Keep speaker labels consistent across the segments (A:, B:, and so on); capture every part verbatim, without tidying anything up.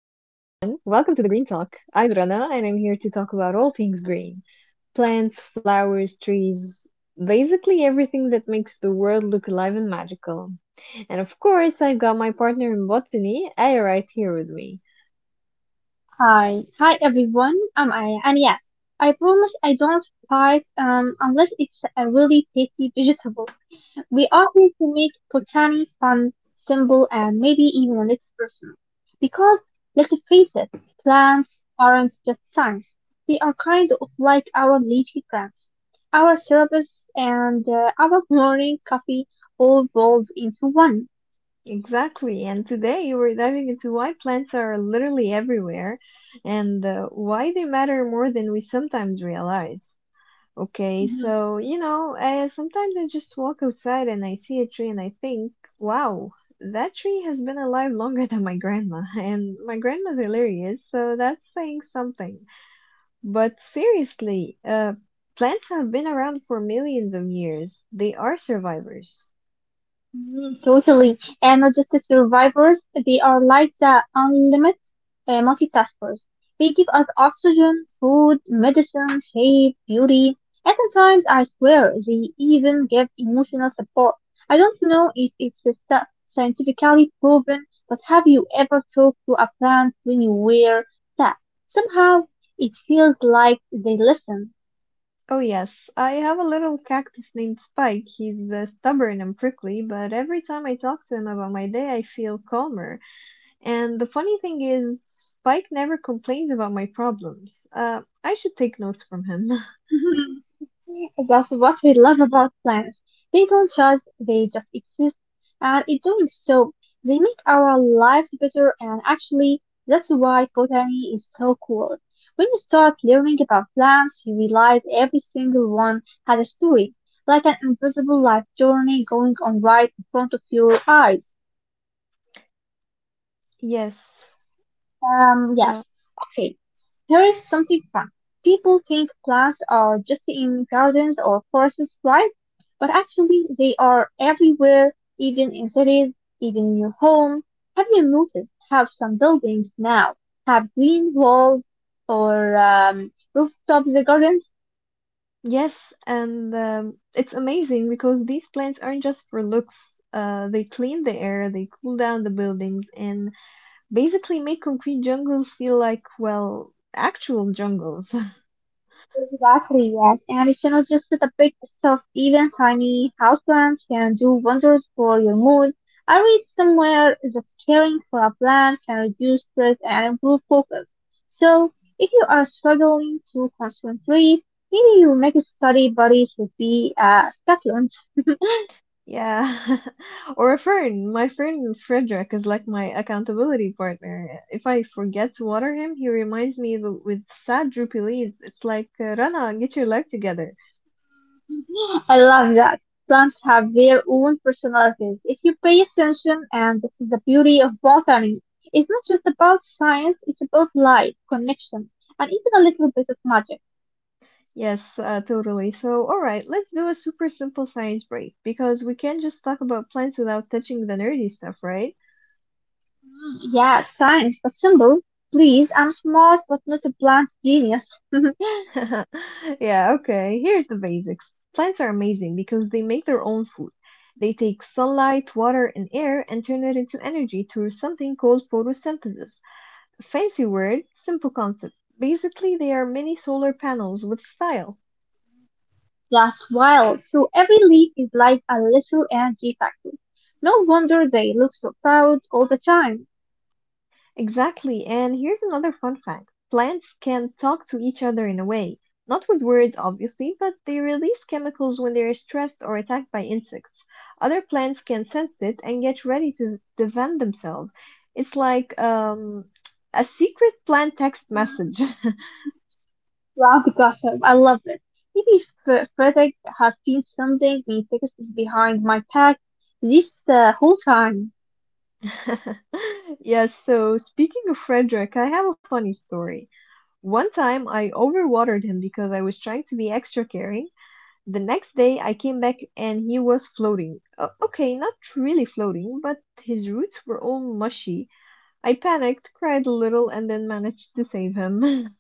A: welcome to the Green Talk. I'm Rana and I'm here to talk about all things green plants, flowers, trees, basically everything that makes the world look alive and magical. And of course, I've got my partner in botany, Aya, right here with me.
B: Hi, hi everyone. I'm Aya, and yes, I promise I don't fight um, unless it's a really tasty vegetable. We are going to make botany fun, simple, and maybe even a little personal. Because let's face it, plants aren't just science; they are kind of like our leafy plants, our syrups, and uh, our morning coffee all rolled into one.
A: Exactly, and today we're diving into why plants are literally everywhere and uh, why they matter more than we sometimes realize. Okay,
B: Mm-hmm.
A: so you know, I, sometimes I just walk outside and I see a tree and I think, wow, that tree has been alive longer than my grandma. And my grandma's hilarious, so that's saying something. But seriously, uh, plants have been around for millions of years. They are survivors.
B: Mm, totally. And not just the survivors, they are like the unlimited uh, multitaskers. They give us oxygen, food, medicine, shape, beauty, and sometimes I swear they even give emotional support. I don't know if it's a stu- scientifically proven, but have you ever talked to a plant when you were sad? Somehow it feels like they listen.
A: Oh, yes, I have a little cactus named Spike. He's uh, stubborn and prickly, but every time I talk to him about my day, I feel calmer. And the funny thing is, Spike never complains about my problems. Uh, I should take notes from him.
B: That's what we love about plants. They don't judge, they just exist. And in doing so, they make our lives better. And actually, that's why botany is so cool. When you start learning about plants, you realize every single one has a story, like an invisible life journey going on right in front of your eyes.
A: Yes.
B: Um,
A: Uh,
B: yes. Okay. Here is something fun. People think plants are just in gardens or forests, right? But actually, they are everywhere, even in cities, even in your home. Have you noticed how some buildings now have green walls or um, rooftops gardens?
A: yes, and um, it's amazing because these plants aren't just for looks. Uh, they clean the air, they cool down the buildings, and basically make concrete jungles feel like, well, actual jungles.
B: Exactly, yes. And it's not just the big stuff, even tiny houseplants can do wonders for your mood. I read somewhere that caring for a plant can reduce stress and improve focus. So, if you are struggling to concentrate, maybe your next study buddy should be a succulent.
A: Yeah. Or a friend. My friend Frederick is like my accountability partner. If I forget to water him, he reminds me th- with sad droopy leaves. It's like, uh, Rana, get your life together.
B: I love that. Plants have their own personalities if you pay attention, and this is the beauty of botany. It's not just about science, it's about life, connection, and even a little bit of magic.
A: Yes, uh, totally. So, all right, let's do a super simple science break because we can't just talk about plants without touching the nerdy stuff, right?
B: Mm, yeah, science, but simple. Please, I'm smart, but not a plant genius.
A: Yeah, okay. Here's the basics. Plants are amazing because they make their own food. They take sunlight, water, and air and turn it into energy through something called photosynthesis. Fancy word, simple concept. Basically, they are mini solar panels with style.
B: That's wild. So every leaf is like a little energy factory. No wonder they look so proud all the time.
A: Exactly. And here's another fun fact. Plants can talk to each other in a way. Not with words, obviously, but they release chemicals when they're stressed or attacked by insects. Other plants can sense it and get ready to defend themselves. It's like um, a secret plant text message.
B: Wow, gossip. I love it. Maybe Fre- Frederick has been something ridiculous behind my back this uh, whole time.
A: Yes, so speaking of Frederick, I have a funny story. One time I overwatered him because I was trying to be extra caring. The next day I came back and he was floating. O- okay, not really floating, but his roots were all mushy. I panicked, cried a little, and then managed to save him.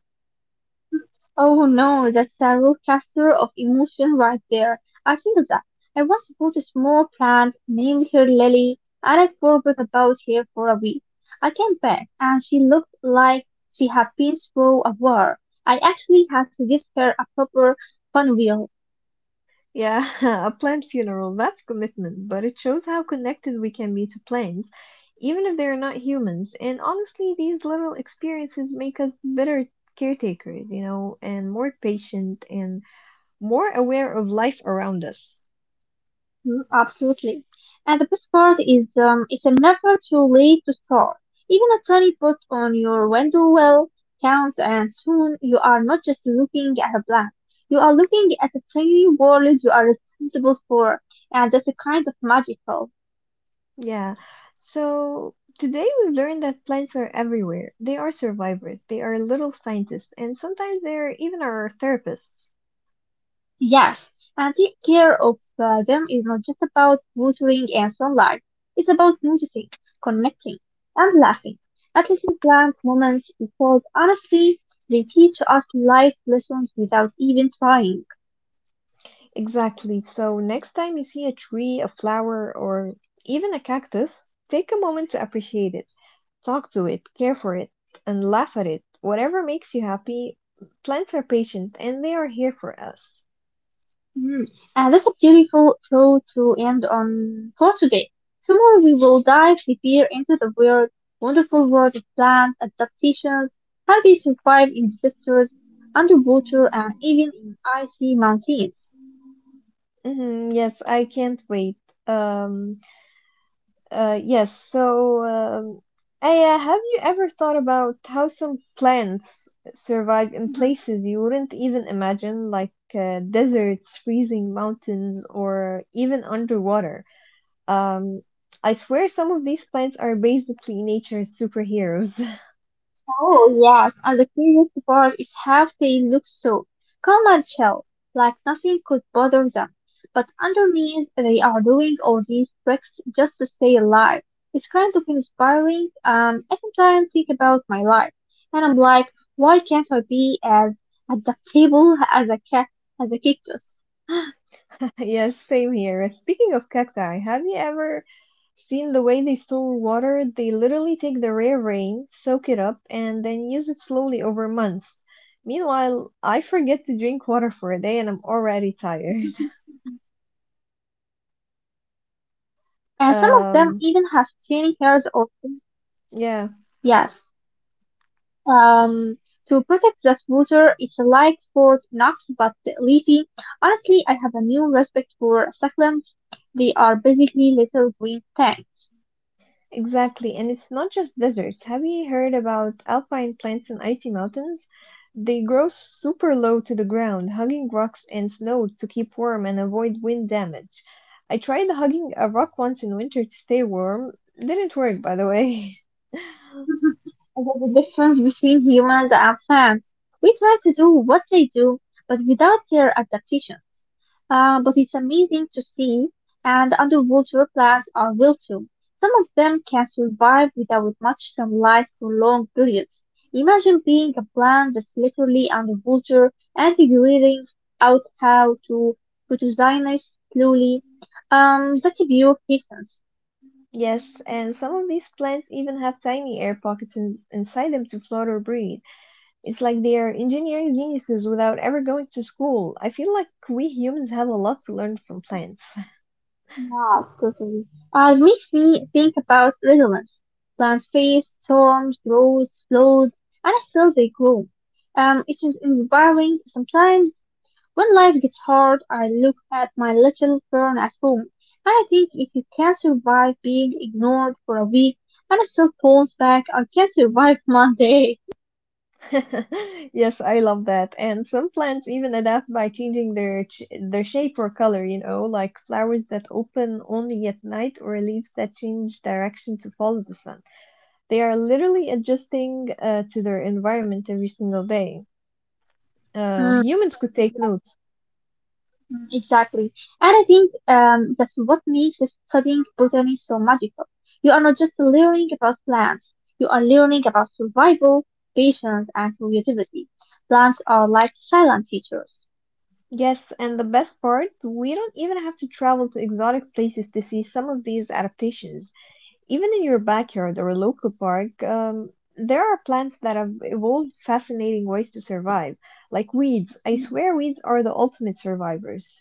B: Oh no, that's a roller coaster of emotion right there. I feel that. I once bought a small plant, named her Lily, and I forgot about her for a week. I came back, and she looked like she had been through a war. I actually had to give her a proper funeral.
A: Yeah, a plant funeral, that's commitment, but it shows how connected we can be to plants, even if they are not humans. And honestly, these little experiences make us better caretakers, you know, and more patient and more aware of life around us.
B: Mm, absolutely. And the best part is um, it's never too late to start. Even a tiny put on your window well counts, and soon you are not just looking at a blank. You are looking at a tiny world you are responsible for, and that's a kind of magical.
A: Yeah. So today we learned that plants are everywhere. They are survivors, they are little scientists, and sometimes they're even our therapists.
B: Yes, and take care of uh, them is not just about watering and sunlight. It's about noticing, connecting, and laughing. At least in bland moments, because honestly, they teach us life lessons without even trying.
A: Exactly. So next time you see a tree, a flower, or even a cactus, take a moment to appreciate it. Talk to it, care for it, and laugh at it. Whatever makes you happy. Plants are patient, and they are here for us.
B: Mm. And that's a beautiful thought to end on for today. Tomorrow we will dive deeper into the weird, wonderful world of plant adaptations, how they survive in disasters, underwater, and even in icy mountains.
A: Hmm, yes, I can't wait. Um, uh, yes, so, um, Aya, have you ever thought about how some plants survive in places you wouldn't even imagine, like uh, deserts, freezing mountains, or even underwater? Um, I swear some of these plants are basically nature's superheroes.
B: Oh yes, and the craziest part is how they look so calm and chill, like nothing could bother them. But underneath, they are doing all these tricks just to stay alive. It's kind of inspiring. Um, I sometimes think about my life, and I'm like, why can't I be as adaptable as a cat, as a cactus?
A: Yes, same here. Speaking of cacti, have you ever seen the way they store water? They literally take the rare rain, soak it up, and then use it slowly over months. Meanwhile, I forget to drink water for a day and I'm already tired.
B: So, and some of them even have tiny hairs
A: Um,
B: or yes.
A: yeah.
B: Um, to protect that water, it's like Fort Knox but leafy. Honestly, I have a new respect for succulents. They are basically little green tanks.
A: Exactly, and it's not just deserts. Have you heard about alpine plants in icy mountains? They grow super low to the ground, hugging rocks and snow to keep warm and avoid wind damage. I tried hugging a rock once in winter to stay warm. Didn't work, by the way.
B: And That's the difference between humans and plants. We try to do what they do, but without their adaptation. Uh, but it's amazing to see, and underwater plants are wild too. Some of them can survive without much sunlight for long periods. Imagine being a plant that's literally underwater and figuring out how to photosynthesize slowly. Um, that's a pure patience.
A: Yes, and some of these plants even have tiny air pockets in inside them to float or breathe. It's like they are engineering geniuses without ever going to school. I feel like we humans have a lot to learn from plants.
B: Wow, totally. Uh, it makes me think about resilience. Plants face storms, droughts, floods, and still they grow. Um, it is inspiring sometimes. When life gets hard, I look at my little fern at home, and I think if you can survive being ignored for a week and it still pulls back, I can survive Monday.
A: Yes, I love that. And some plants even adapt by changing their ch their shape or color, you know, like flowers that open only at night or leaves that change direction to follow the sun. They are literally adjusting uh, to their environment every single day. Uh,
B: Mm.
A: humans could
B: Mm.
A: take notes.
B: Exactly. And I think um, that's what makes studying botany so magical. You are not just learning about plants, you are learning about survival, patience, and creativity. Plants are like silent teachers.
A: Yes, and the best part, we don't even have to travel to exotic places to see some of these adaptations. Even in your backyard or a local park, um, there are plants that have evolved fascinating ways to survive, like weeds. I swear weeds are the ultimate survivors.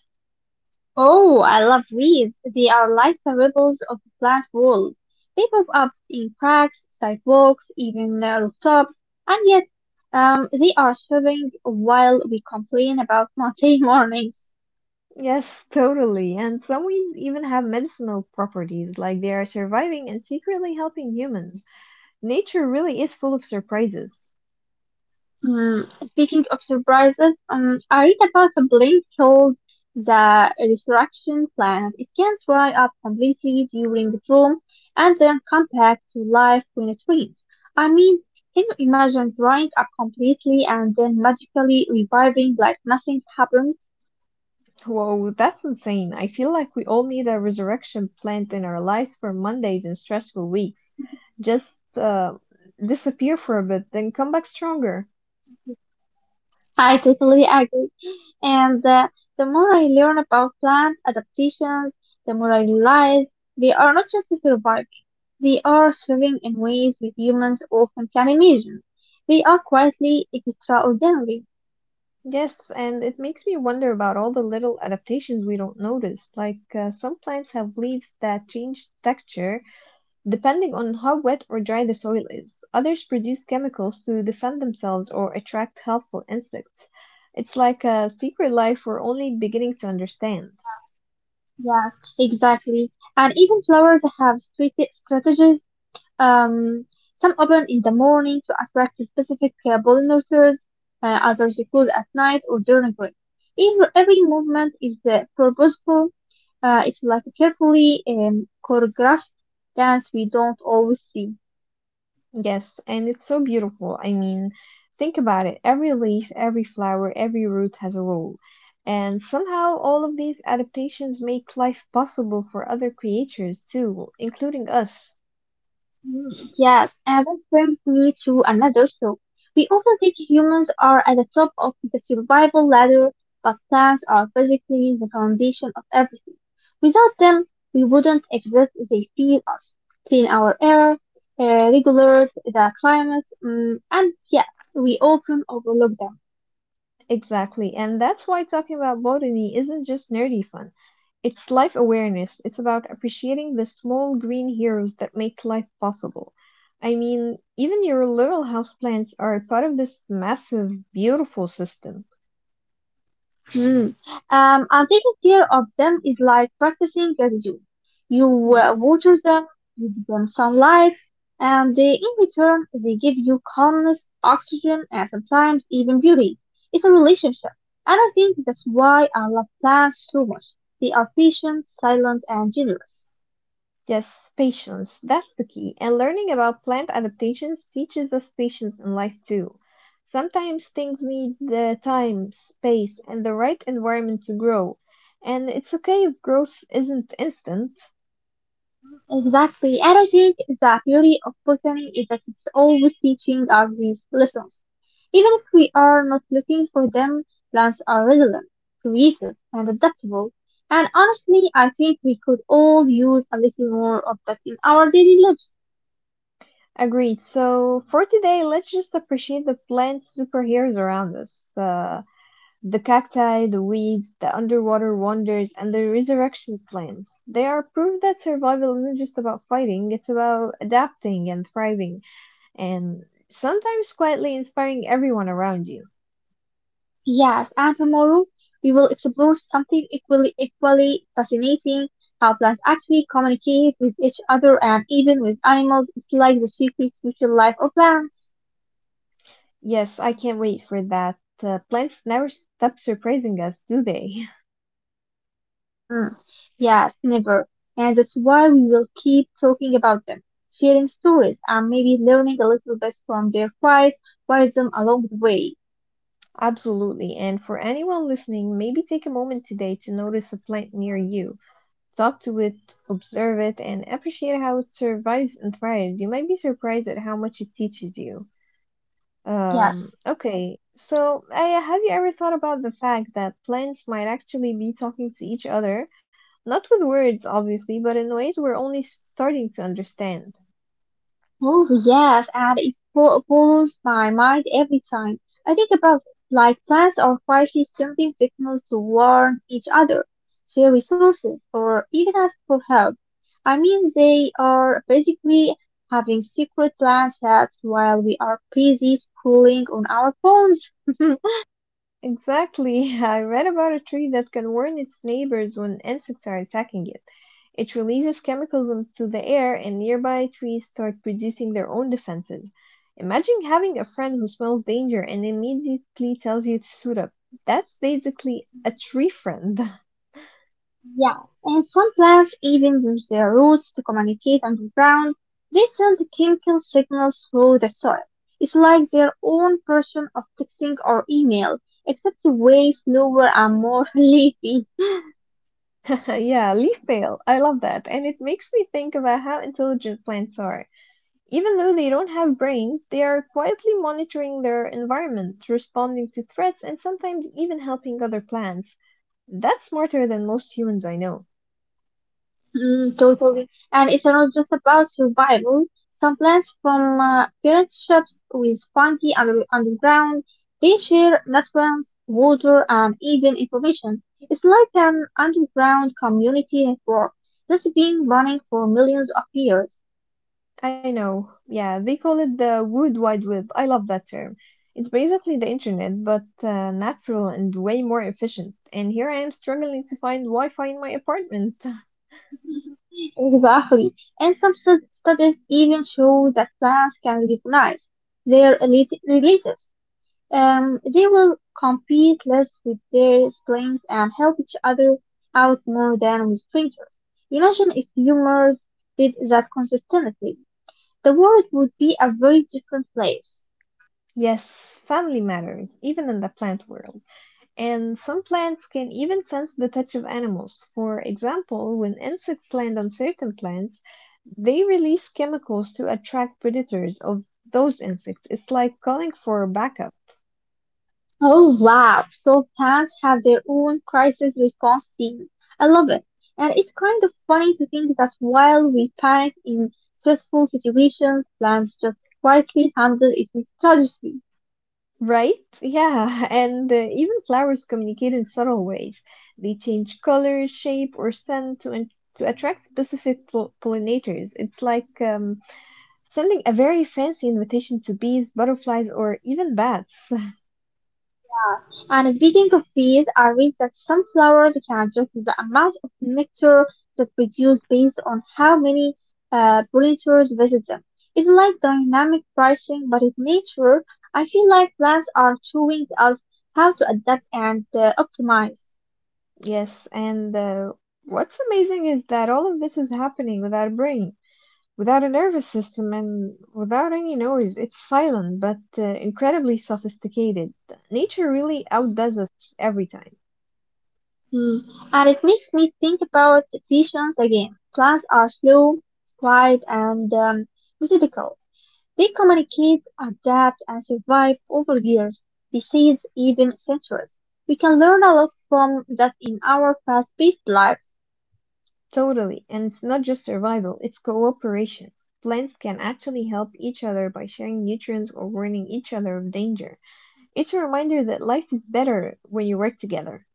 B: Oh, I love weeds. They are like the rebels of the plant world. They pop up in cracks, sidewalks, even uh, rooftops, and yet um, they are thriving while we complain about Monday mornings.
A: Yes, totally. And some weeds even have medicinal properties, like they are surviving and secretly helping humans. Nature really is full of surprises.
B: Um, speaking of surprises, um, I read about a blink called the Resurrection Planet. It can dry up completely during the storm and then come back to life when it rains. I mean, can you imagine drying up completely and then magically reviving like nothing happened?
A: Whoa, that's insane. I feel like we all need a resurrection plant in our lives for Mondays and stressful weeks. Just uh, disappear for a bit, then come back stronger.
B: I totally agree. And uh, the more I learn about plant adaptations, the more I realize they are not just survivors. They are swimming in ways we humans often can imagine. They are quietly extraordinary.
A: Yes, and it makes me wonder about all the little adaptations we don't notice. Like uh, some plants have leaves that change texture depending on how wet or dry the soil is, others produce chemicals to defend themselves or attract helpful insects. It's like a secret life we're only beginning to understand.
B: Yeah, exactly. And even flowers have strate- strategies. Um, some open in the morning to attract specific uh, pollinators, uh, others you close at night or during rain. Every, every movement is uh, purposeful. Uh, it's like a carefully um, choreographed dance we don't always see.
A: Yes, and it's so beautiful. I mean, think about it. Every leaf, every flower, every root has a role. And somehow all of these adaptations make life possible for other creatures too, including us.
B: Mm, yes, and that brings me to another thought. We often think humans are at the top of the survival ladder, but plants are physically the foundation of everything. Without them, we wouldn't exist. They feed us, clean our air, uh, regulate the climate, mm and yeah, we often overlook them.
A: Exactly. And that's why talking about botany isn't just nerdy fun. It's life awareness. It's about appreciating the small green heroes that make life possible. I mean, even your little houseplants are part of this massive, beautiful system.
B: Hmm. Um, and taking care of them is like practicing gratitude. You uh,
A: Yes.
B: water them, you give them sunlight, and they, in return, they give you calmness, oxygen, and sometimes even beauty. It's a relationship. And I think that's why I love plants so much. They are patient, silent, and generous.
A: Yes, patience. That's the key. And learning about plant adaptations teaches us patience in life too. Sometimes things need the time, space, and the right environment to grow. And it's okay if growth isn't instant.
B: Exactly. And I think the beauty of botany is that it's always teaching us these lessons. Even if we are not looking for them, plants are resilient, creative, and adaptable. And honestly, I think we could all use a little more of that in our daily lives.
A: Agreed. So for today, let's just appreciate the plant superheroes around us. Uh, the cacti, the weeds, the underwater wonders, and the resurrection plants. They are proof that survival isn't just about fighting, it's about adapting and thriving, and sometimes quietly inspiring everyone around you.
B: Yes, and tomorrow we will explore something equally, equally fascinating, how plants actually communicate with each other and even with animals. It's like the secret social life of plants.
A: Yes, I can't wait for that. Uh, plants never stop surprising us, do they?
B: Mm, yes, never. And that's why we will keep talking about them, sharing stories, and maybe learning a little bit from their quiet wisdom along the way.
A: Absolutely. And for anyone listening, maybe take a moment today to notice a plant near you. Talk to it, observe it, and appreciate how it survives and thrives. You might be surprised at how much it teaches you.
B: Yes.
A: Um, okay, so Aya, have you ever thought about the fact that plants might actually be talking to each other? Not with words, obviously, but in ways we're only starting to understand.
B: Oh yes, and it bo- blows my mind every time. I think about it, like plants are quietly sending signals to warn each other, share resources, or even ask for help. I mean, they are basically having secret plan chats while we are busy scrolling on our phones.
A: Exactly. I read about a tree that can warn its neighbors when insects are attacking it. It releases chemicals into the air, and nearby trees start producing their own defenses. Imagine having a friend who smells danger and immediately tells you to suit up. That's basically a tree friend.
B: Yeah, and some plants even use their roots to communicate underground. They send chemical signals through the soil. It's like their own version of texting or email, except way slower and more leafy.
A: Yeah, leaf pale. I love that. And it makes me think about how intelligent plants are. Even though they don't have brains, they are quietly monitoring their environment, responding to threats, and sometimes even helping other plants. That's smarter than most humans I know.
B: Mm, totally. And it's not just about survival. Some plants from uh, parent shops with fungi under, underground, they share nutrients, water, and even information. It's like an underground community network that's been running for millions of years.
A: I know. Yeah, they call it the World Wide Web. I love that term. It's basically the internet, but uh, natural and way more efficient. And here I am struggling to find Wi-Fi in my apartment.
B: Exactly. And some stud- studies even show that plants can recognize their elite- relatives. Um, they will compete less with their siblings and help each other out more than with strangers. Imagine if humans did that consistently. The world would be a very different place.
A: Yes, family matters, even in the plant world. And some plants can even sense the touch of animals. For example, when insects land on certain plants, they release chemicals to attract predators of those insects. It's like calling for backup.
B: Oh wow, so fans have their own crisis response team. I love it. And it's kind of funny to think that while we panic in stressful situations, plants just quietly handle it with strategy.
A: Right? Yeah, and uh, even flowers communicate in subtle ways. They change color, shape, or scent to, in- to attract specific pol- pollinators. It's like um, sending a very fancy invitation to bees, butterflies, or even bats.
B: And speaking of bees, I read that some flowers can adjust the amount of nectar that produce based on how many uh, pollinators visit them. It's like dynamic pricing, but in nature, I feel like plants are showing us how to adapt and uh, optimize.
A: Yes, and uh, what's amazing is that all of this is happening with our brain, without a nervous system and without any noise. It's silent but uh, incredibly sophisticated. Nature really outdoes us every time.
B: Hmm. And it makes me think about patience again. Plants are slow, quiet, and um, methodical. They communicate, adapt, and survive over years, decades, even centuries. We can learn a lot from that in our fast-paced lives.
A: Totally. And it's not just survival, it's cooperation. Plants can actually help each other by sharing nutrients or warning each other of danger. It's a reminder that life is better when you work together.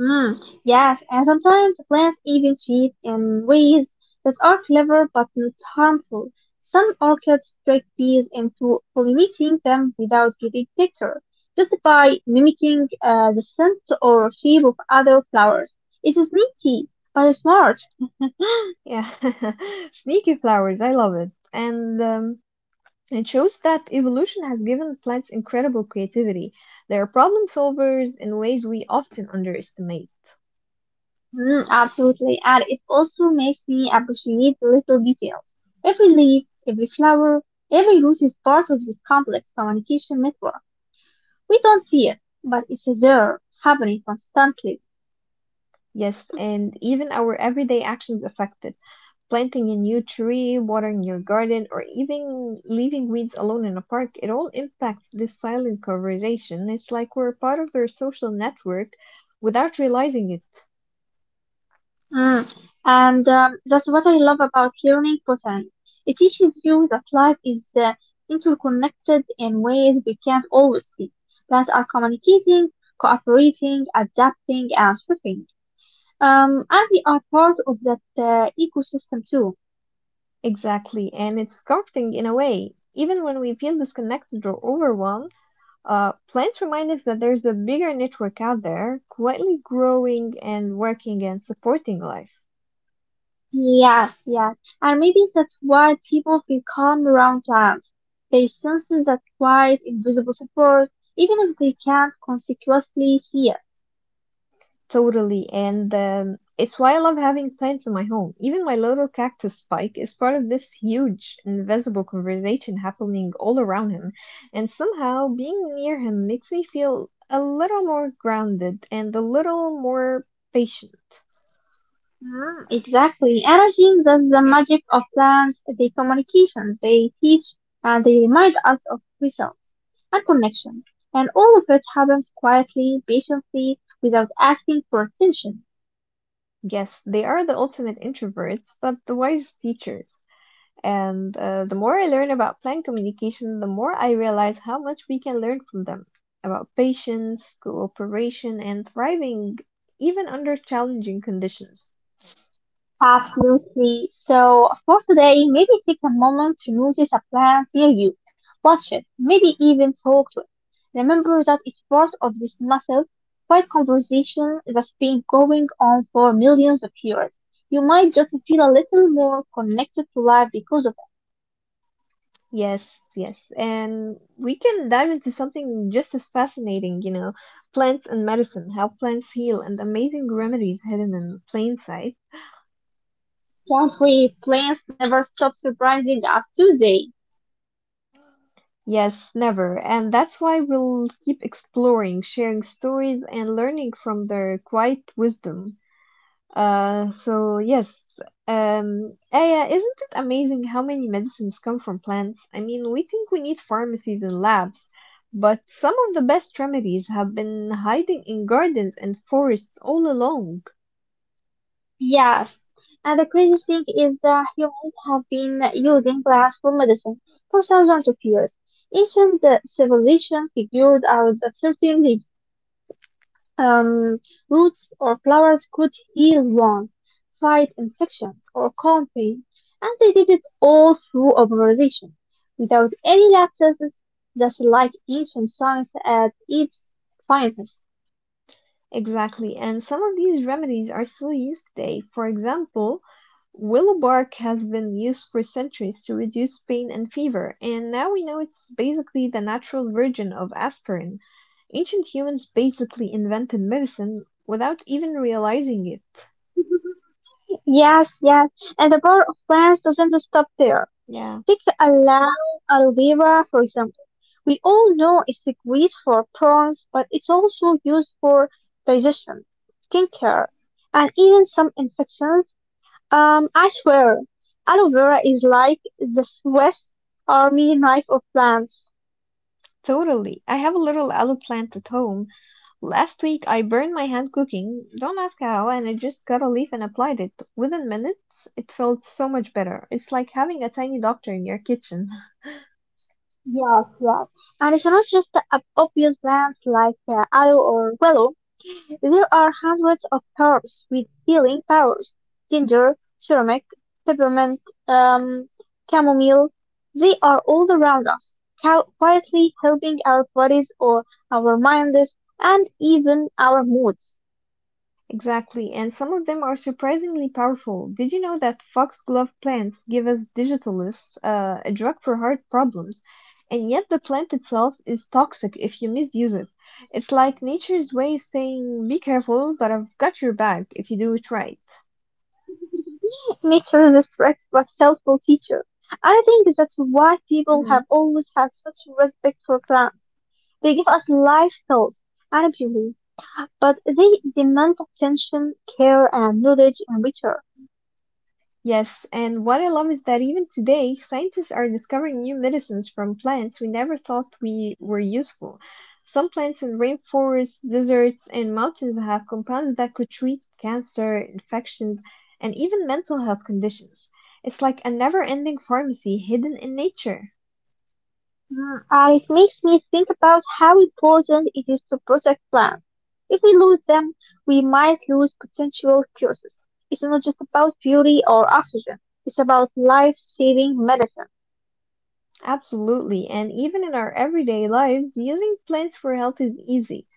B: Hmm, yes, and sometimes plants even cheat in ways that are clever but not harmful. Some orchids trick bees into pollinating them without getting picture, just by mimicking uh, the scent or shape of other flowers. It is sneaky, but smart.
A: Yeah. Sneaky flowers, I love it. And um, it shows that evolution has given plants incredible creativity. They are problem solvers in ways we often underestimate.
B: Mm, absolutely, and it also makes me appreciate the little details. Every leaf, every flower, every root is part of this complex communication network. We don't see it, but it's there, happening constantly.
A: Yes, and even our everyday actions affect it. Planting a new tree, watering your garden, or even leaving weeds alone in a park, it all impacts this silent conversation. It's like we're part of their social network without realizing it.
B: Mm, And um, That's what I love about learning botany. It teaches you that life is uh, interconnected in ways we can't always see. Plants are communicating, cooperating, adapting, and thriving. Um, and we are part of that uh, ecosystem too.
A: Exactly, and it's comforting in a way. Even when we feel disconnected or overwhelmed, uh, plants remind us that there's a bigger network out there, quietly growing and working and supporting life.
B: Yes, yes. And maybe that's why people feel calm around plants. They sense that quiet, invisible support, even if they can't consequently see it.
A: Totally. And um, it's why I love having plants in my home. Even my little cactus Spike is part of this huge, invisible conversation happening all around him. And somehow being near him makes me feel a little more grounded and a little more patient.
B: Mm, exactly. And I think that's the magic of plants, their communications. They teach and they remind us of results and connection. And all of it happens quietly, patiently, without asking for attention.
A: Yes, they are the ultimate introverts, but the wise teachers. And uh, the more I learn about plant communication, the more I realize how much we can learn from them about patience, cooperation, and thriving even under challenging conditions.
B: Absolutely. So for today, maybe take a moment to notice a plant near you. Watch it. Maybe even talk to it. Remember that it's part of this massive, quiet conversation that's been going on for millions of years. You might just feel a little more connected to life because of
A: Yes, yes. And we can dive into something just as fascinating, you know, plants and medicine, how plants heal, and amazing remedies hidden in plain sight.
B: that way plants never stop surprising us, do they?
A: Yes, never. And that's why we'll keep exploring, sharing stories, and learning from their quiet wisdom. Uh, so yes, um, Aya, isn't it amazing how many medicines come from plants? I mean, we think we need pharmacies and labs, but some of the best remedies have been hiding in gardens and forests all along.
B: Yes, and the crazy thing is that humans have been using plants for medicine for thousands of years. Ancient civilizations figured out that certain leaves, um, roots, or flowers could heal wounds, fight infections, or calm pain, and they did it all through observation, without any lab tests. Just like ancient science at its finest.
A: Exactly, and some of these remedies are still used today. For example, willow bark has been used for centuries to reduce pain and fever, and now we know it's basically the natural version of aspirin. Ancient humans basically invented medicine without even realizing it.
B: Yes, yes, and the power of plants doesn't stop there.
A: Yeah,
B: Take the aloe, aloe vera for example. We all know it's a great for prawns, but it's also used for digestion, skincare, and even some infections. Um, I swear, aloe vera is like the Swiss Army knife of plants.
A: totally. I have a little aloe plant at home. Last week I burned my hand cooking, don't ask how, and I just cut a leaf and applied it. Within minutes it felt so much better. It's like having a tiny doctor in your kitchen.
B: Yeah, yeah. And it's not just the ob- obvious plants like uh, aloe or willow. There are hundreds of herbs with healing powers: ginger, turmeric, peppermint, um, chamomile. They are all around us, cou- quietly helping our bodies or our minds and even our moods.
A: Exactly, and some of them are surprisingly powerful. Did you know that foxglove plants give us digitalis, uh, a drug for heart problems, and yet the plant itself is toxic if you misuse it? It's like nature's way of saying, be careful, but I've got your back if you do it right.
B: Nature is a strict but helpful teacher. I think that's why people
A: Mhm.
B: have always had such respect for plants. They give us life, health, and beauty, but they demand attention, care, and knowledge in return.
A: Yes, and what I love is that even today, scientists are discovering new medicines from plants we never thought we were useful. Some plants in rainforests, deserts, and mountains have compounds that could treat cancer, infections, and even mental health conditions. It's like a never-ending pharmacy hidden in nature.
B: Mm, uh, it makes me think about how important it is to protect plants. If we lose them, we might lose potential cures. It's not just about beauty or oxygen. It's about life-saving medicine.
A: Absolutely, and even in our everyday lives, using plants for health is easy.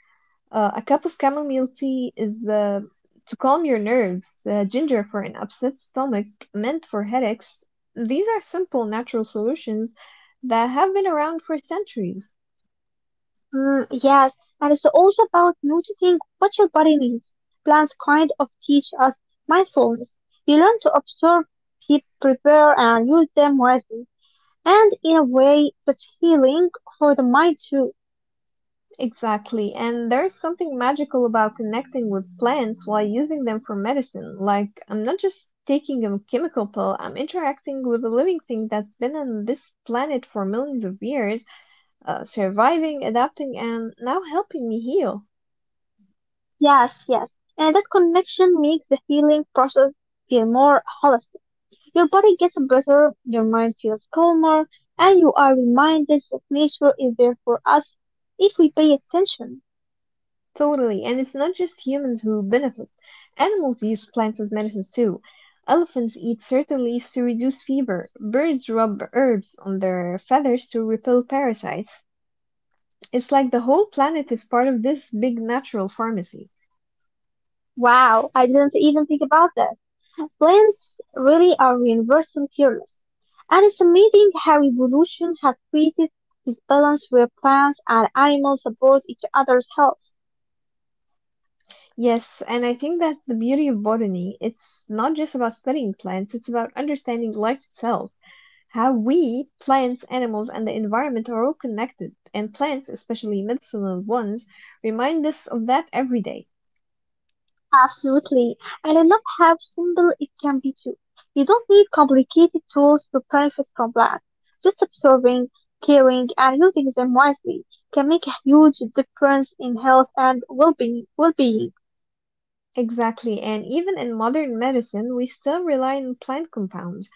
A: Uh, a cup of chamomile tea is uh, to calm your nerves, uh, ginger for an upset stomach, mint for headaches. These are simple natural solutions that have been around for centuries.
B: Mm, yes, and it's also about noticing what your body needs. Plants kind of teach us mindfulness. You learn to observe, keep, prepare, and use them wisely. And in a way, that's healing for the mind too.
A: Exactly, and there's something magical about connecting with plants while using them for medicine. Like, I'm not just taking a chemical pill, I'm interacting with a living thing that's been on this planet for millions of years, uh, surviving, adapting, and now helping me heal.
B: Yes, yes. And that connection makes the healing process feel more holistic. Your body gets better, your mind feels calmer, and you are reminded that nature is there for us if we pay attention.
A: Totally, and it's not just humans who benefit. Animals use plants as medicines too. Elephants eat certain leaves to reduce fever. Birds rub herbs on their feathers to repel parasites. It's like the whole planet is part of this big natural pharmacy.
B: Wow, I didn't even think about that. Plants really are universal healers. And it's amazing how evolution has created this balance where plants and animals support each other's health.
A: Yes, and I think that's the beauty of botany. It's not just about studying plants, it's about understanding life itself. How we, plants, animals, and the environment are all connected, and plants, especially medicinal ones, remind us of that every day.
B: Absolutely. And I love how simple it can be too. You don't need complicated tools to benefit from plants. Just observing, caring, and using them wisely can make a huge difference in health and well-being. Well-being.
A: Exactly, and even in modern medicine, we still rely on plant compounds.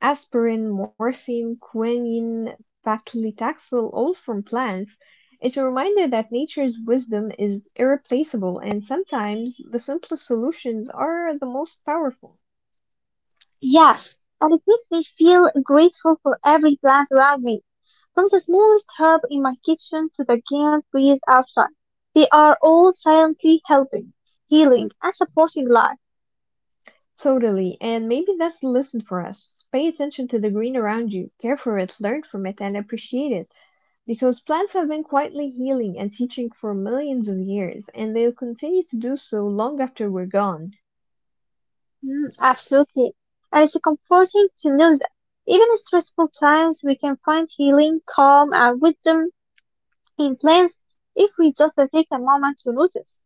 A: Aspirin, morphine, quinine, paclitaxel, all from plants. It's a reminder that nature's wisdom is irreplaceable, and sometimes the simplest solutions are the most powerful.
B: Yes, and it makes me feel grateful for every plant around me, from the smallest herb in my kitchen to the giant trees outside. They are all silently helping, healing, and supporting life.
A: Totally. And maybe that's the lesson for us. Pay attention to the green around you, care for it, learn from it, and appreciate it. Because plants have been quietly healing and teaching for millions of years, and they'll continue to do so long after we're gone.
B: Mm, absolutely. And it's comforting to know that even in stressful times, we can find healing, calm, and wisdom in plants if we just take a moment to notice.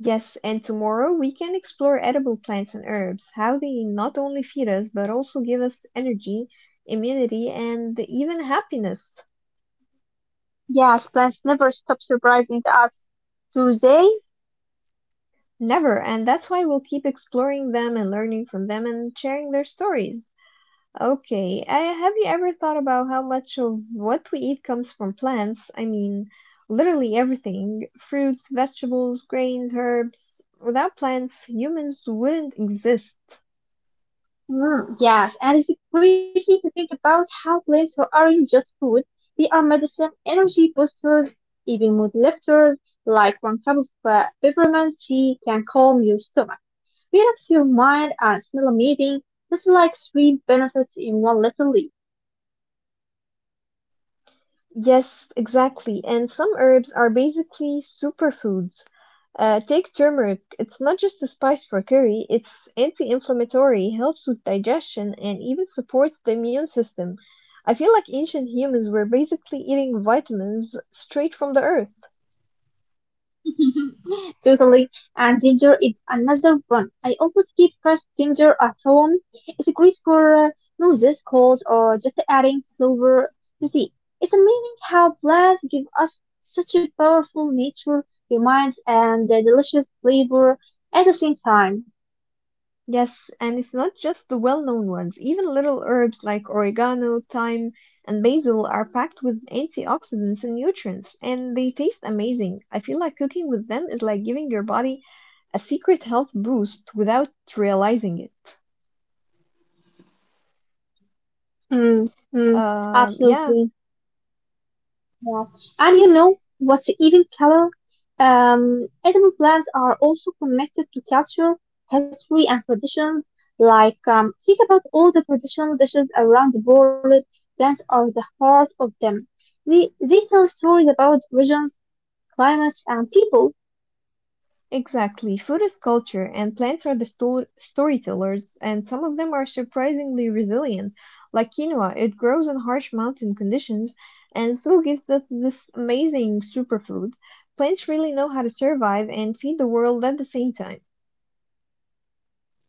A: Yes, and tomorrow we can explore edible plants and herbs, how they not only feed us but also give us energy, immunity, and even happiness.
B: Yes, plants never stop surprising us, do they?
A: Never, and that's why we'll keep exploring them and learning from them and sharing their stories. Okay, I, have you ever thought about how much of what we eat comes from plants? I mean, literally everything. Fruits, vegetables, grains, herbs. Without plants, humans wouldn't exist.
B: Mm, yes, and it's crazy to think about how plants aren't just food, they are medicine, energy boosters, even mood lifters, like one cup of uh, peppermint tea can calm your stomach. Fills your mind and smell amazing, just like sweet benefits in one little leaf.
A: Yes, exactly. And some herbs are basically superfoods. Uh, take turmeric. It's not just a spice for curry, it's anti-inflammatory, helps with digestion, and even supports the immune system. I feel like ancient humans were basically eating vitamins straight from the earth.
B: Totally, and ginger is another one. I always keep fresh ginger at home. It's great for uh, noses, colds, or just adding flavor to tea. It's amazing how plants give us such a powerful nature, reminds, and a delicious flavor at the same time.
A: Yes, and it's not just the well-known ones. Even little herbs like oregano, thyme, and basil are packed with antioxidants and nutrients, and they taste amazing. I feel like cooking with them is like giving your body a secret health boost without realizing it.
B: Mm, mm,
A: Um, yeah.
B: Absolutely. Yeah. And you know what's even color? Um, edible plants are also connected to culture, history, and traditions. Like, um, think about all the traditional dishes around the world. Plants are the heart of them. They, they tell stories about regions, climates, and people.
A: Exactly. Food is culture, and plants are the sto- storytellers, and some of them are surprisingly resilient. Like quinoa, it grows in harsh mountain conditions and still gives us this amazing superfood. Plants really know how to survive and feed the world at the same time.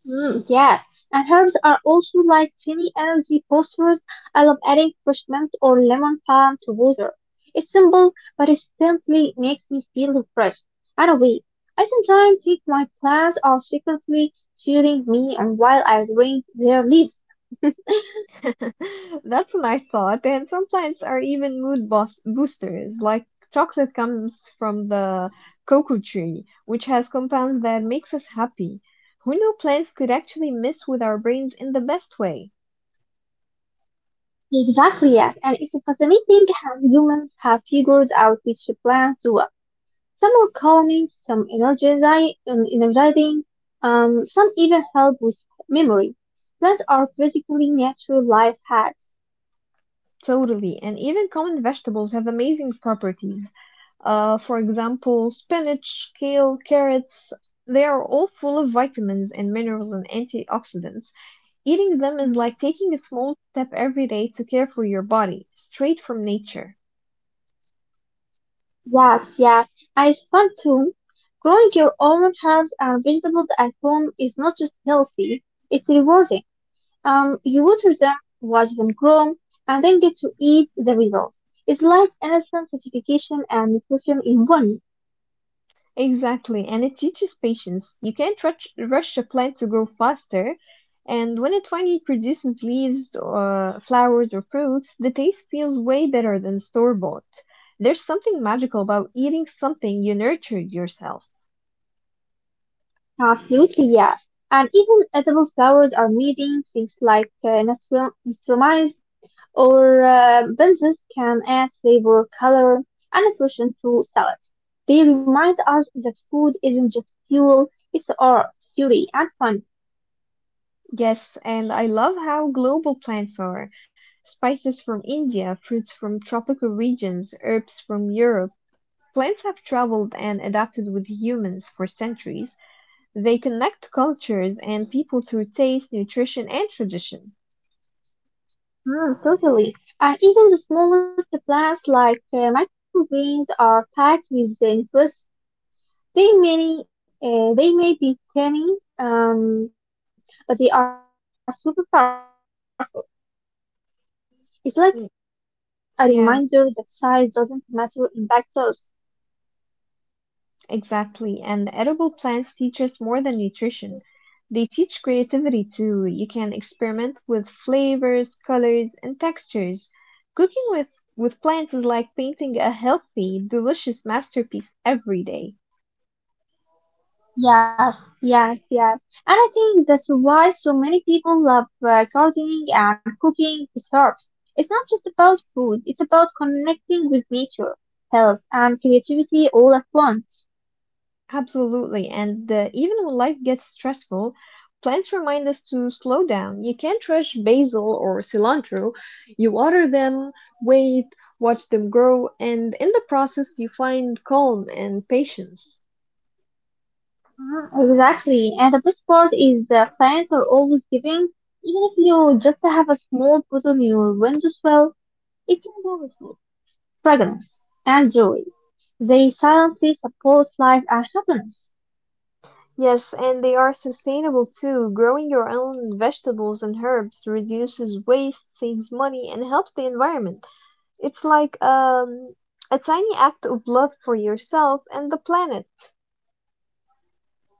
B: Mm, yes, and herbs are also like tiny energy boosters. I love adding fresh mint or lemon balm to water. It's simple, but it simply makes me feel refreshed. And wait, I sometimes think my plants are secretly cheering me and while I drink their leaves.
A: That's a nice thought. And some plants are even mood boost boosters, like chocolate comes from the cocoa tree, which has compounds that makes us happy. Who knew plants could actually mess with our brains in the best way?
B: Exactly, yes, and it's fascinating how humans have figured out which plants do. Some are calming, some energizi- um, energizing, um, some even help with memory. Those are basically natural life hacks.
A: Totally. And even common vegetables have amazing properties. Uh, for example, spinach, kale, carrots, they are all full of vitamins and minerals and antioxidants. Eating them is like
B: Mhm.
A: taking a small step every day to care for your body, straight from nature.
B: Yes, yes, and it's fun too. Growing your own herbs and vegetables at home is not just healthy, it's rewarding. Um, you water them, watch them grow, and then get to eat the results. It's like instant certification and nutrition in one.
A: Exactly, and it teaches patience. You can't rush, rush a plant to grow faster, and when it finally produces leaves, or flowers, or fruits, the taste feels way better than store-bought. There's something magical about eating something you nurtured yourself.
B: Absolutely, yes. And even edible flowers are meeting things like uh, nastur- nasturtiums or uh, benzes can add flavor, color, and nutrition to salads. They remind us that food isn't just fuel, it's art, beauty, and fun.
A: Yes, and I love how global plants are. Spices from India, fruits from tropical regions, herbs from Europe. Plants have traveled and adapted with humans for centuries. They connect cultures and people through taste, nutrition, and tradition.
B: Mm, totally. And even the smallest plants like uh, microgreens are packed with nutrients. They may uh, they may be tiny, um, but they are super powerful.
A: Mm,
B: It's like a
A: Yeah,
B: reminder that size doesn't matter in lactose.
A: exactly. And edible plants teach us more than nutrition. They teach
B: Um,
A: creativity too. You can experiment with flavors, colors, and textures. Cooking with, with plants is like painting a healthy, delicious masterpiece every day.
B: yes, yes, yes. And I think that's why so many people love uh, gardening and cooking with herbs. It's not just about food; it's about connecting with nature, health, and creativity all at once.
A: Absolutely. And uh, even when life gets stressful, plants remind us to slow down. You can't rush basil or cilantro. You water them, wait, watch them grow, and in the process, you find calm and patience.
B: Mhm. Exactly. And the best part is the plants are always giving. Even if you just have a small pot on your windowsill, it can grow with hope, fragrance, and joy. They silently support life and happiness.
A: Yes, and they are sustainable too. Growing your own vegetables and herbs reduces waste, saves money, and helps the environment. It's like um, a tiny act of love for yourself and the planet.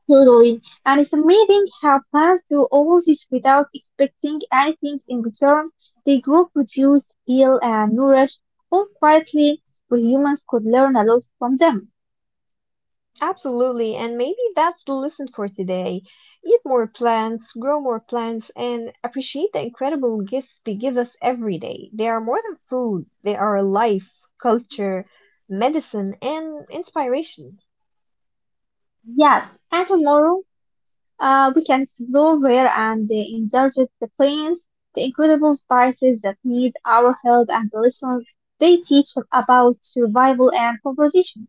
B: Totally. And it's amazing how plants do all this without expecting anything in return. They grow, produce, heal, and nourish all quietly. We humans could learn a lot from them.
A: Absolutely, and maybe that's the lesson for today. Eat more plants, grow more plants, and appreciate the incredible gifts they give us every day. They are more than food, they are life, culture, medicine, and inspiration.
B: Yes. And tomorrow, Uh, we can explore rare and uh, endangered plants, the incredible spices that need our help, and the lessons they teach about survival and conservation.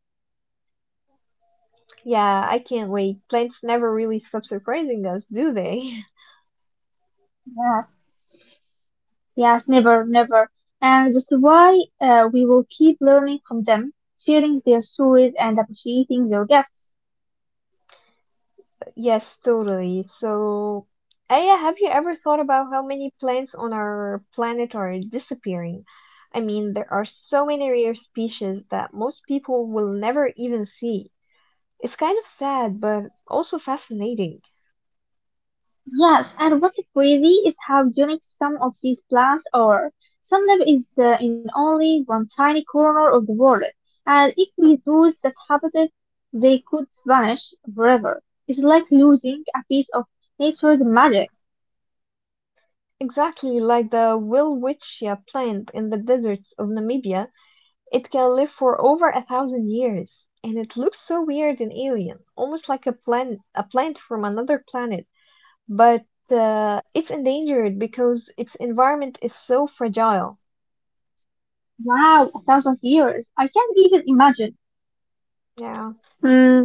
A: Yeah, I can't wait. Plants never really stop surprising us, do they?
B: Yeah, yes, never, never. And that's why uh, we will keep learning from them, sharing their stories, and appreciating their gifts.
A: Yes, totally. So, Aya, have you ever thought about how many plants on our planet are disappearing? I mean, there are so many rare species that most people will never even see. It's kind of sad, but also fascinating.
B: Yes, and what's crazy is how unique some of these plants are. Some live is uh, in only one tiny corner of the world, and if we lose that habitat, they could vanish forever. It's like losing a piece of nature's magic.
A: Exactly, like the Welwitschia plant in the deserts of Namibia, it can live for over a thousand years, and it looks so weird and alien, almost like a plant, a plant from another planet, but uh, it's endangered because its environment is so fragile.
B: Wow, a thousand years! I can't even imagine.
A: Yeah,
B: Hmm,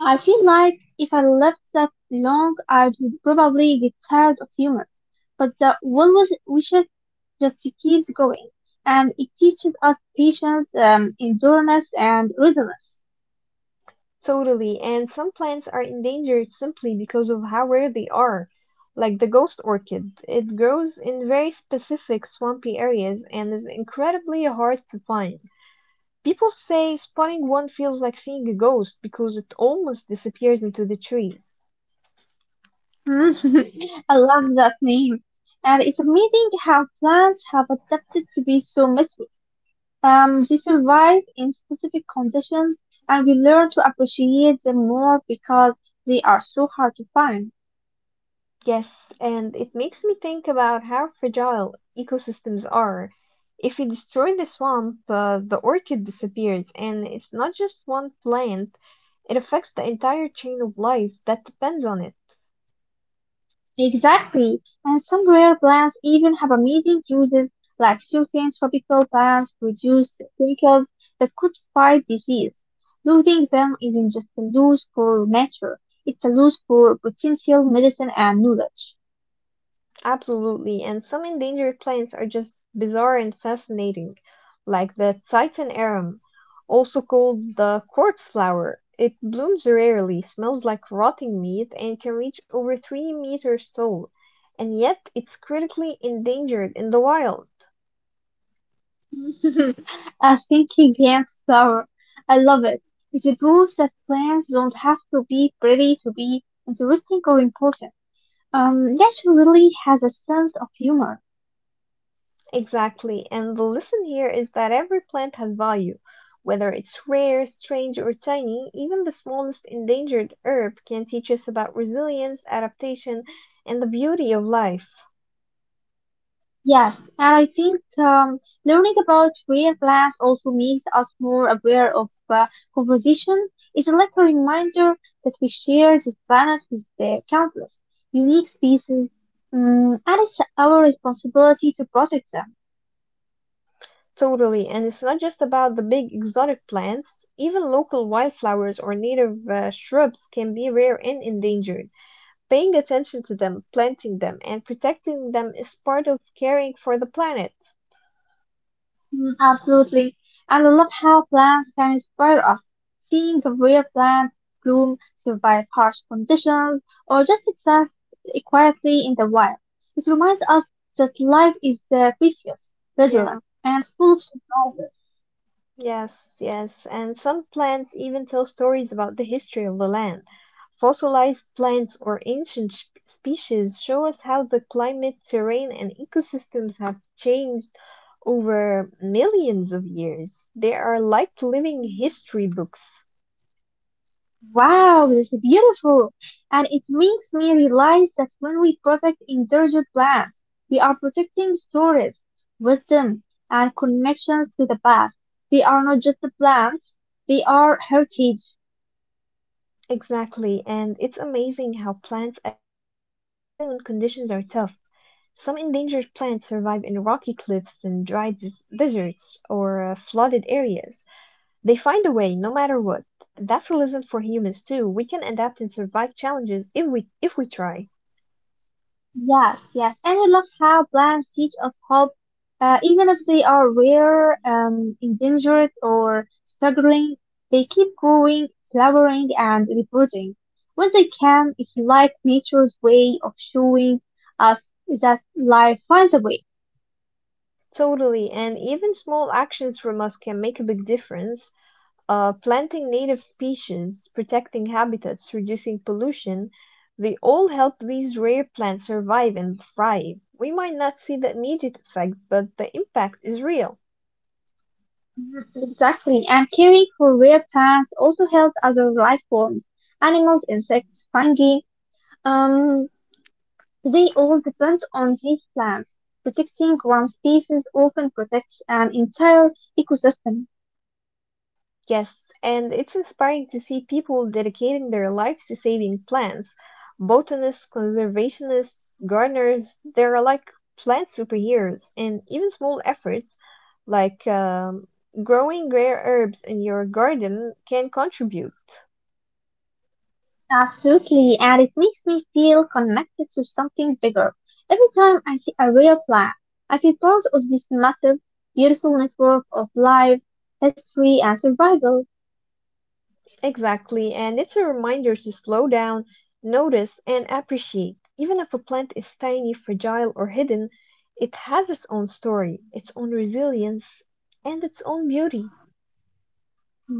B: I feel like if I left that long, I would probably get tired of humans. But the one with wishes just keeps going, and it teaches us patience, um, endurance, and resilience.
A: totally. And some plants are endangered simply because of how rare they are, like the ghost orchid. It grows in very specific swampy areas and is incredibly hard to find. People say spotting one feels like seeing a ghost because it almost disappears into the trees.
B: I love that name, and it's amazing how plants have adapted to be so mysterious. Um, they survive in specific conditions, and we learn to appreciate them more because they are so hard to find.
A: Yes, and it makes me think about how fragile ecosystems are. If we destroy the swamp, uh, the orchid disappears, and it's not just one plant, it affects the entire chain of life that depends on it.
B: Exactly, and some rare plants even have amazing uses, like certain tropical plants produce chemicals that could fight disease. Losing them isn't just a loss for nature, it's a loss for potential medicine and knowledge.
A: Absolutely, and some endangered plants are just bizarre and fascinating, like the Titan arum, also called the corpse flower. It blooms rarely, smells like rotting meat, and can reach over 3 meters tall, and yet it's critically endangered in the wild.
B: A thinking plant flower, I love it. It proves that plants don't have to be pretty to be interesting or important. Um, nature really has a sense of humor.
A: Exactly. And the lesson here is that every plant has value. Whether it's rare, strange, or tiny, even the smallest endangered herb can teach us about resilience, adaptation, and the beauty of life.
B: Yes, and I think um, learning about rare plants also makes us more aware of uh, composition. It's like a reminder that we share this planet with the countless unique species, um, and it's our responsibility to protect them.
A: Totally. And it's not just about the big exotic plants. Even local wildflowers or native uh, shrubs can be rare and endangered. Paying attention to them, planting them, and protecting them is part of caring for the planet.
B: Mm, absolutely. And I love how plants can inspire us. Seeing the rare plant bloom, survive harsh conditions, or just exist quietly in the wild. It reminds us that life is uh, precious,
A: Yeah.
B: resilient, and full of surprises.
A: Yes, yes, and some plants even tell stories about the history of the land. Fossilized plants or ancient sh- species show us how the climate, terrain, and ecosystems have changed over millions of years. They are like living history books.
B: Wow, this is beautiful. And it makes me realize that when we protect endangered plants, we are protecting stories, wisdom, and connections to the past. They are not just the plants, they are heritage.
A: Exactly, and it's amazing how plants adapt even when conditions are tough. Some endangered plants survive in rocky cliffs and dry des- deserts or uh, flooded areas. They find a way, no matter what. That's a lesson for humans too. We can adapt and survive challenges if we if we try.
B: Yes, yes, and I love how plants teach us hope, uh, even if they are rare, um, endangered, or struggling. They keep growing, flowering, and reproducing. When they can, it's like nature's way of showing us that life finds a way.
A: Totally, and even small actions from us can make a big difference. Uh, planting native species, protecting habitats, reducing pollution, they all help these rare plants survive and thrive. We might not see the immediate effect, but the impact is real.
B: Mhm. Exactly, and caring for rare plants also helps other life forms, animals, insects, fungi. Um, They all depend on these plants; protecting one species often protects an entire ecosystem.
A: Yes, and it's inspiring to see people dedicating their lives to saving plants. Botanists, conservationists, gardeners, they're like plant superheroes, and even small efforts like um, growing rare herbs in your garden can contribute.
B: Absolutely, and it makes me feel connected to something bigger. Every time I see a real plant, I feel part of this massive, beautiful network of life, history, and survival.
A: Exactly, and it's a reminder to slow down, notice, and appreciate. Even if a plant is tiny, fragile, or hidden, it has its own story, its own resilience, and its own beauty.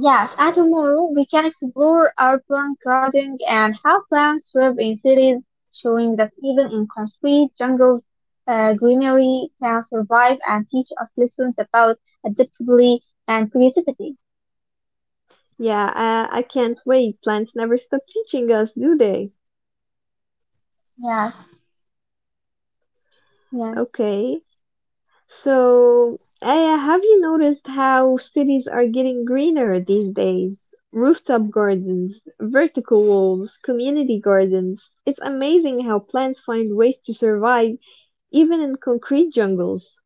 B: Yes, and tomorrow we can explore urban gardening and how plants thrive in cities, showing that even in concrete jungles, uh, greenery can survive and teach us lessons about adaptability and creativity.
A: Yeah, I, I can't wait. Plants never stop teaching us, do they?
B: Yes, yes.
A: Okay. So, Aya, have you noticed how cities are getting greener these days? Rooftop gardens, vertical walls, community gardens. It's amazing how plants find ways to survive even in concrete jungles.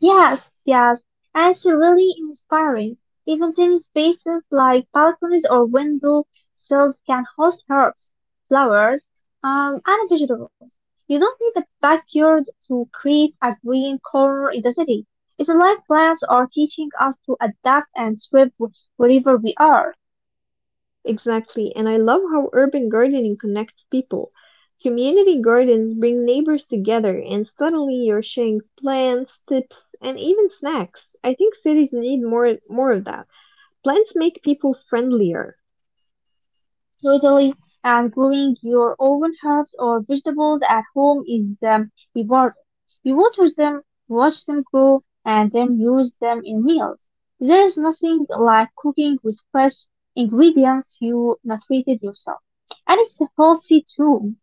B: Yes, yes. And it's really inspiring. Even tiny spaces like balconies or window sills can host herbs, flowers, um, and vegetables. You don't need a backyard to create a green corner in the city. It's like plants are teaching us to adapt and thrive wh- wherever we are.
A: Exactly, and I love how urban gardening connects people. Community gardens bring neighbors together, and suddenly you're sharing plants, tips, and even snacks. I think cities need more more of that. Plants make people friendlier.
B: Totally. And growing your own herbs or vegetables at home is um, rewarding. You water them, watch them grow, and then use them in meals. There's nothing like cooking with fresh ingredients you not treated yourself. And it's healthy too.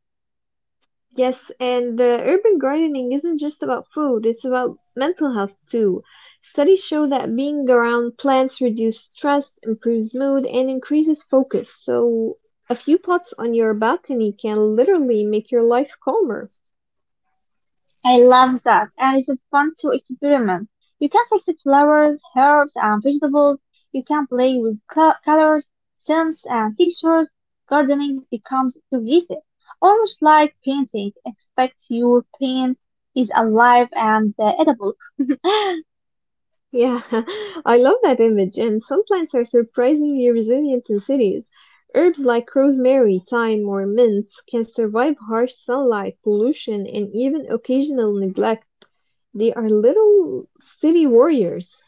A: Yes, and uh, urban gardening isn't just about food, it's about mental health too. Studies show that being around plants reduces stress, improves mood, and increases focus. So, a few pots on your balcony can literally make your life calmer.
B: I love that, and it's fun to experiment. You can fix the flowers, herbs, and vegetables. You can play with colors, scents, and textures. Gardening becomes creative, almost like painting, except your paint is alive and uh, edible.
A: Yeah, I love that image, and some plants are surprisingly resilient in cities. Herbs like rosemary, thyme, or mint can survive harsh sunlight, pollution, and even occasional neglect. They are little city warriors.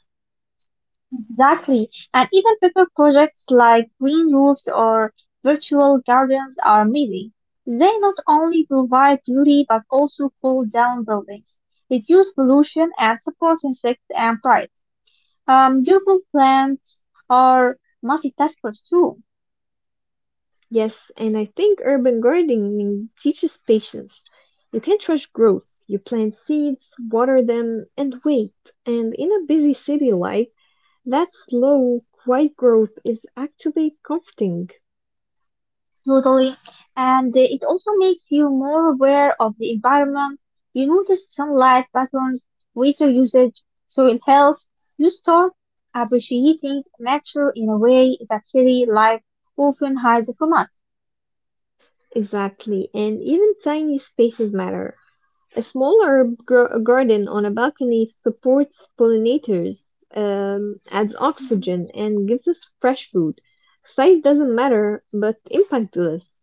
B: Exactly. And even paper projects like green roofs or virtual gardens are amazing. They not only provide beauty but also cool down buildings, reduce pollution, and support insects and birds. Um, durable plants are multitaskers too.
A: Yes, and I think urban gardening teaches patience. You can't rush growth. You plant seeds, water them, and wait. And in a busy city life, that slow, quiet growth is actually comforting.
B: Totally. And uh, it also makes you more aware of the environment. You notice sunlight patterns, water usage, soil health. You start appreciating nature in a way that city life often hides from us.
A: Exactly, and even tiny spaces matter. A small herb gro- garden on a balcony supports pollinators, um, adds oxygen, and gives us fresh food. Size doesn't matter, but impact does.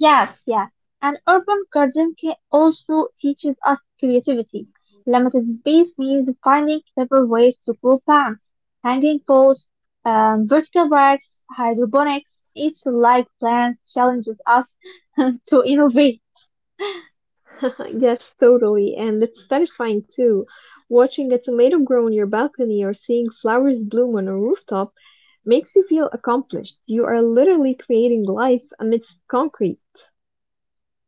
B: Yes, yes. And urban gardening ca- also teaches us creativity. Limited space means finding clever ways to grow plants, hanging posts, um, vertical racks, hydroponics. It's like plants challenges us to innovate.
A: Yes, totally, and it's satisfying too. Watching a tomato grow on your balcony or seeing flowers bloom on a rooftop makes you feel accomplished. You are literally creating life amidst concrete.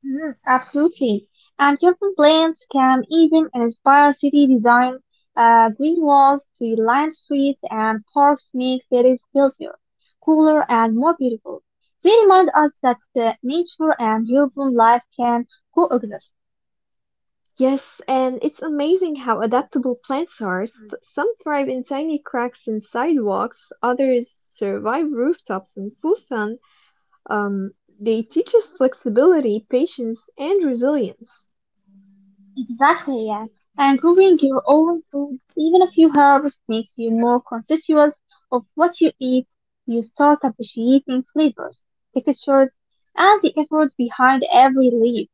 B: Mhm. Absolutely. And urban plans can even inspire city design. Uh, green walls, tree-lined streets, and parks make cities healthier, cooler, and more beautiful. They remind us that uh, nature and urban life can coexist.
A: Yes, and it's amazing how adaptable plants are. S- Mm. Some thrive in tiny cracks in sidewalks, others survive rooftops in full sun. Um, they teach us flexibility, patience, and resilience.
B: Exactly, yeah. And growing your own food, even a few herbs, makes you more conscious of what you eat. You start appreciating flavors, textures, and the effort behind every leaf.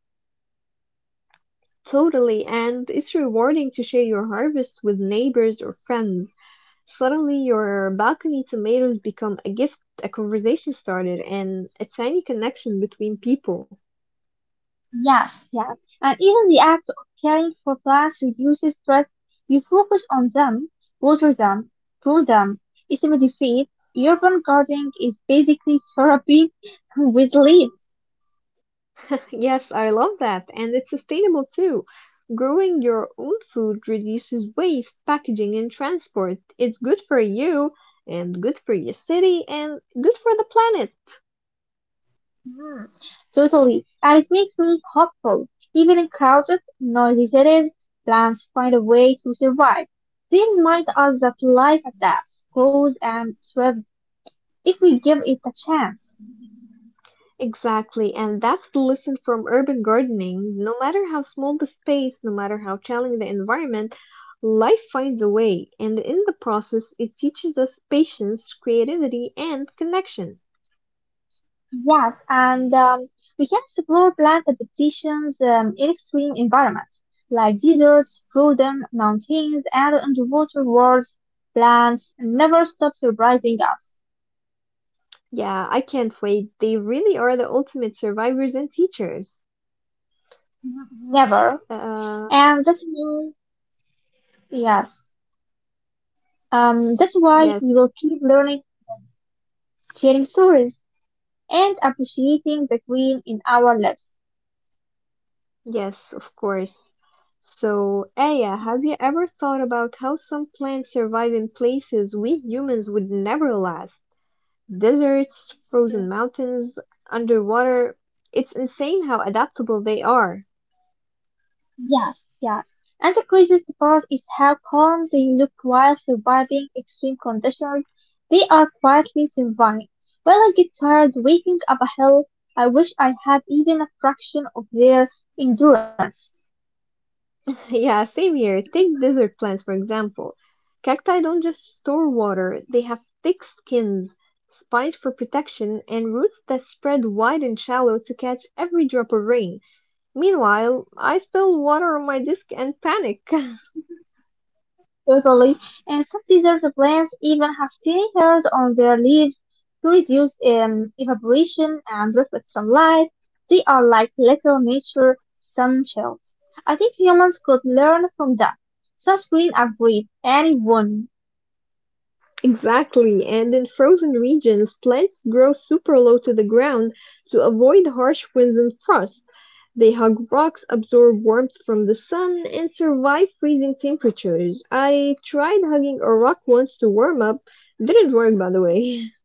A: Totally, and it's rewarding to share your harvest with neighbors or friends. Suddenly, your balcony tomatoes become a gift, a conversation starter, and a tiny connection between people.
B: Yes, yes. And even the act of caring for plants reduces stress. You focus on them, water them, prune them, it's immediate. Urban gardening is basically therapy with leaves.
A: Yes, I love that. And it's sustainable too. Growing your own food reduces waste, packaging, and transport. It's good for you, and good for your city, and good for the planet.
B: Hmm, totally. And it makes me hopeful. Even in crowded, noisy cities, plants find a way to survive. They remind us that life adapts, grows, and thrives if we give it a chance.
A: Exactly, and that's the lesson from urban gardening. No matter how small the space, no matter how challenging the environment, life finds a way. And in the process, it teaches us patience, creativity, and connection.
B: Yes, and um, we can explore plant adaptations um, in extreme environments like deserts, frozen mountains, and underwater worlds. Plants never stop surprising us.
A: Yeah, I can't wait. They really are the ultimate survivors and teachers.
B: Mhm. Never.
A: Uh,
B: And that's why, yes, um, that's why
A: yes,
B: we will keep learning, sharing stories, and appreciating the green in our lives.
A: yes, of course. So, Aya, have you ever thought about how some plants survive in places we humans would never last? Deserts, frozen mountains, underwater. It's insane how adaptable they are.
B: Yes, yes. Another crazy part is how calm they look while surviving extreme conditions. They are quietly surviving. When I get tired waking up a hill, I wish I had even a fraction of their endurance.
A: Yeah, same here. Take desert plants, for example. Cacti don't just store water, they have thick skins, spines for protection, and roots that spread wide and shallow to catch every drop of rain. Meanwhile, I spill water on my disk and panic.
B: Totally, and some desert plants even have tiny hairs on their leaves to reduce um, evaporation and reflect sunlight. They are like little nature sunshells. I think humans could learn from them. Sunscreen agreed. Anyone.
A: Exactly, and in frozen regions, plants grow super low to the ground to avoid harsh winds and frost. They hug rocks, absorb warmth from the sun, and survive freezing temperatures. I tried hugging a rock once to warm up. Didn't work, by the way.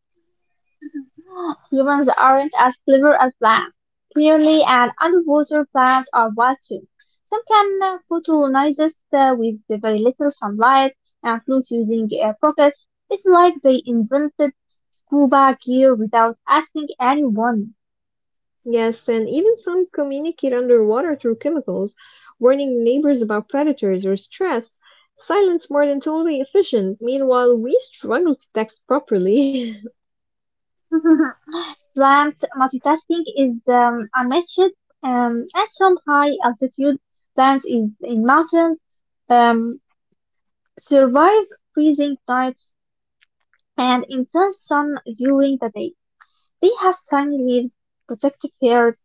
B: Humans aren't as clever as plants. Clearly, and underwater plants are wild too. Some can uh, photosynthesize uh, with very little sunlight and float using air pockets. It's like they invented scuba gear without asking anyone.
A: Yes, and even some communicate underwater through chemicals, warning neighbors about predators or stress. Silence more than totally efficient. Meanwhile, we struggle to text properly.
B: Plant multitasking is um, unmatched um, at some high altitude plants in, in mountains, um, survive freezing nights and intense sun during the day. They have tiny leaves, protective hairs,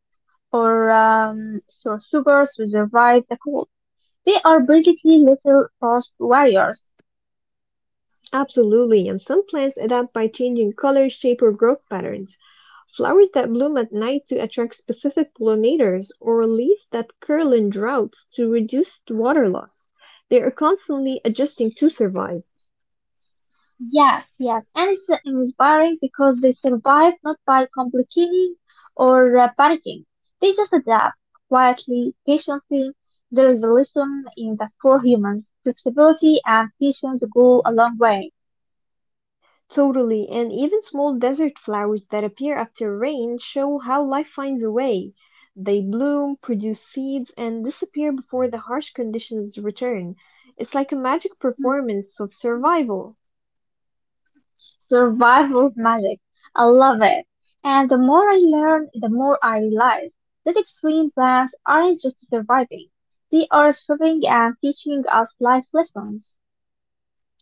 B: or um, so super to survive the cold. They are basically little frost warriors.
A: Absolutely, and some plants adapt by changing color, shape, or growth patterns. Flowers that bloom at night to attract specific pollinators, or leaves that curl in droughts to reduce water loss. They are constantly adjusting to survive.
B: Yes, yes, and it's uh, inspiring because they survive not by complicating or uh, panicking. They just adapt quietly, patiently. There is a lesson in that for humans, flexibility and patience go a long way.
A: Totally, and even small desert flowers that appear after rain show how life finds a way. They bloom, produce seeds, and disappear before the harsh conditions return. It's like a magic
B: Mm.
A: performance of survival.
B: Survival magic. I love it. And the more I learn, the more I realize that extreme plants aren't just surviving. They are surviving and teaching us life lessons.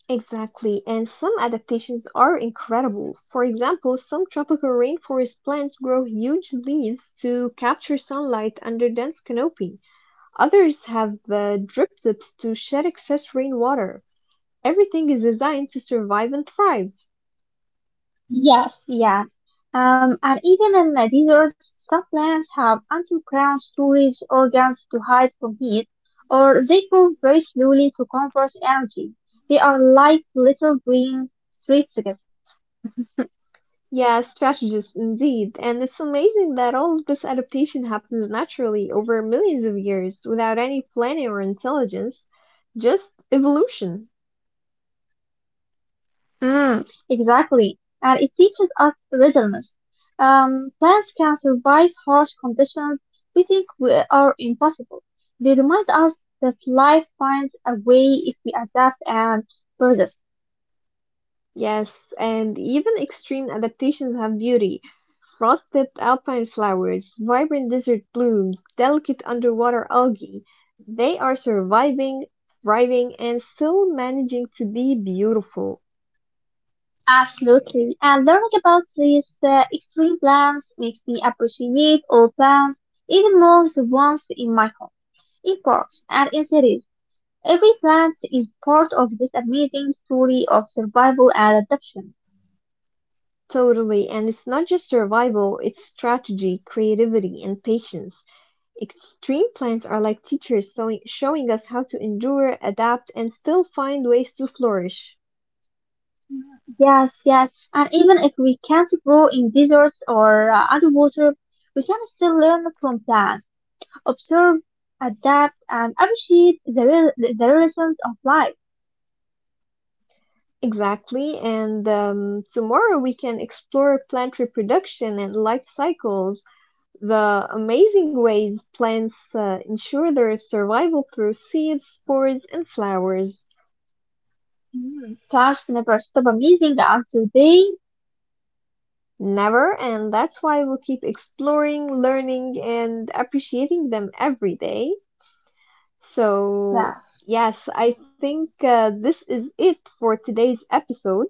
A: Exactly, and some adaptations are incredible. For example, some tropical rainforest plants grow huge leaves to capture sunlight under dense canopy. Others have uh, drip tips to shed excess rainwater. Everything is designed to survive and thrive.
B: Yes, yes. Um, and even in the deserts, some plants have underground storage organs to hide from heat, or they move very slowly to conserve energy. They are like little green streetscapes.
A: Yeah, strategist indeed. And it's amazing that all of this adaptation happens naturally over millions of years without any planning or intelligence, just evolution.
B: Mm, exactly. And it teaches us resilience. Um, plants can survive harsh conditions we think we are impossible. They remind us that life finds a way if we adapt and persist.
A: Yes, and even extreme adaptations have beauty. Frost tipped alpine flowers, vibrant desert blooms, delicate underwater algae. They are surviving, thriving, and still managing to be beautiful.
B: Absolutely. And learning about these uh, extreme plants makes me appreciate all plants, even more the ones in my home, in parks, and in cities. Every plant is part of this amazing story of survival and adaptation.
A: Totally. And it's not just survival, it's strategy, creativity, and patience. Extreme plans are like teachers showing, showing us how to endure, adapt, and still find ways to flourish.
B: Yes, yes. And even if we can't grow in deserts or uh, underwater, we can still learn from plants, observe, adapt, and appreciate the, real the lessons of life.
A: Exactly. And um, tomorrow we can explore plant reproduction and life cycles, the amazing ways plants uh, ensure their survival through seeds, spores, and flowers.
B: Mm, plants never stop amazing us, do they?
A: Never, and that's why we'll keep exploring, learning, and appreciating them every day. So,
B: Yeah.
A: yes, I think uh, this is it for today's episode.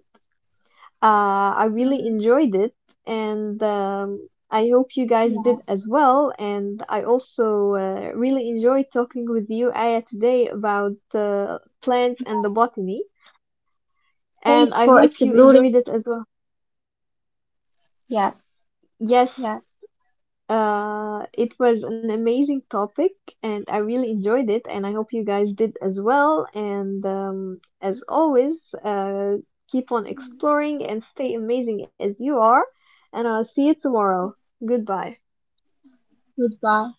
A: Uh, I really
B: Mhm.
A: enjoyed it, and um, I hope you guys did
B: Yeah.
A: as well. And I also uh, really enjoyed talking with you, Aya, today about uh, plants and the botany. And
B: Thanks
A: I
B: for
A: hope you
B: exploring.
A: enjoyed it as well.
B: Yeah.
A: Yes,
B: Yeah.
A: Uh, it was an amazing topic, and I really enjoyed it, and I hope you guys did as well. And um, as always, uh, keep on exploring and stay amazing as you are. And I'll see you tomorrow. Goodbye.
B: Goodbye.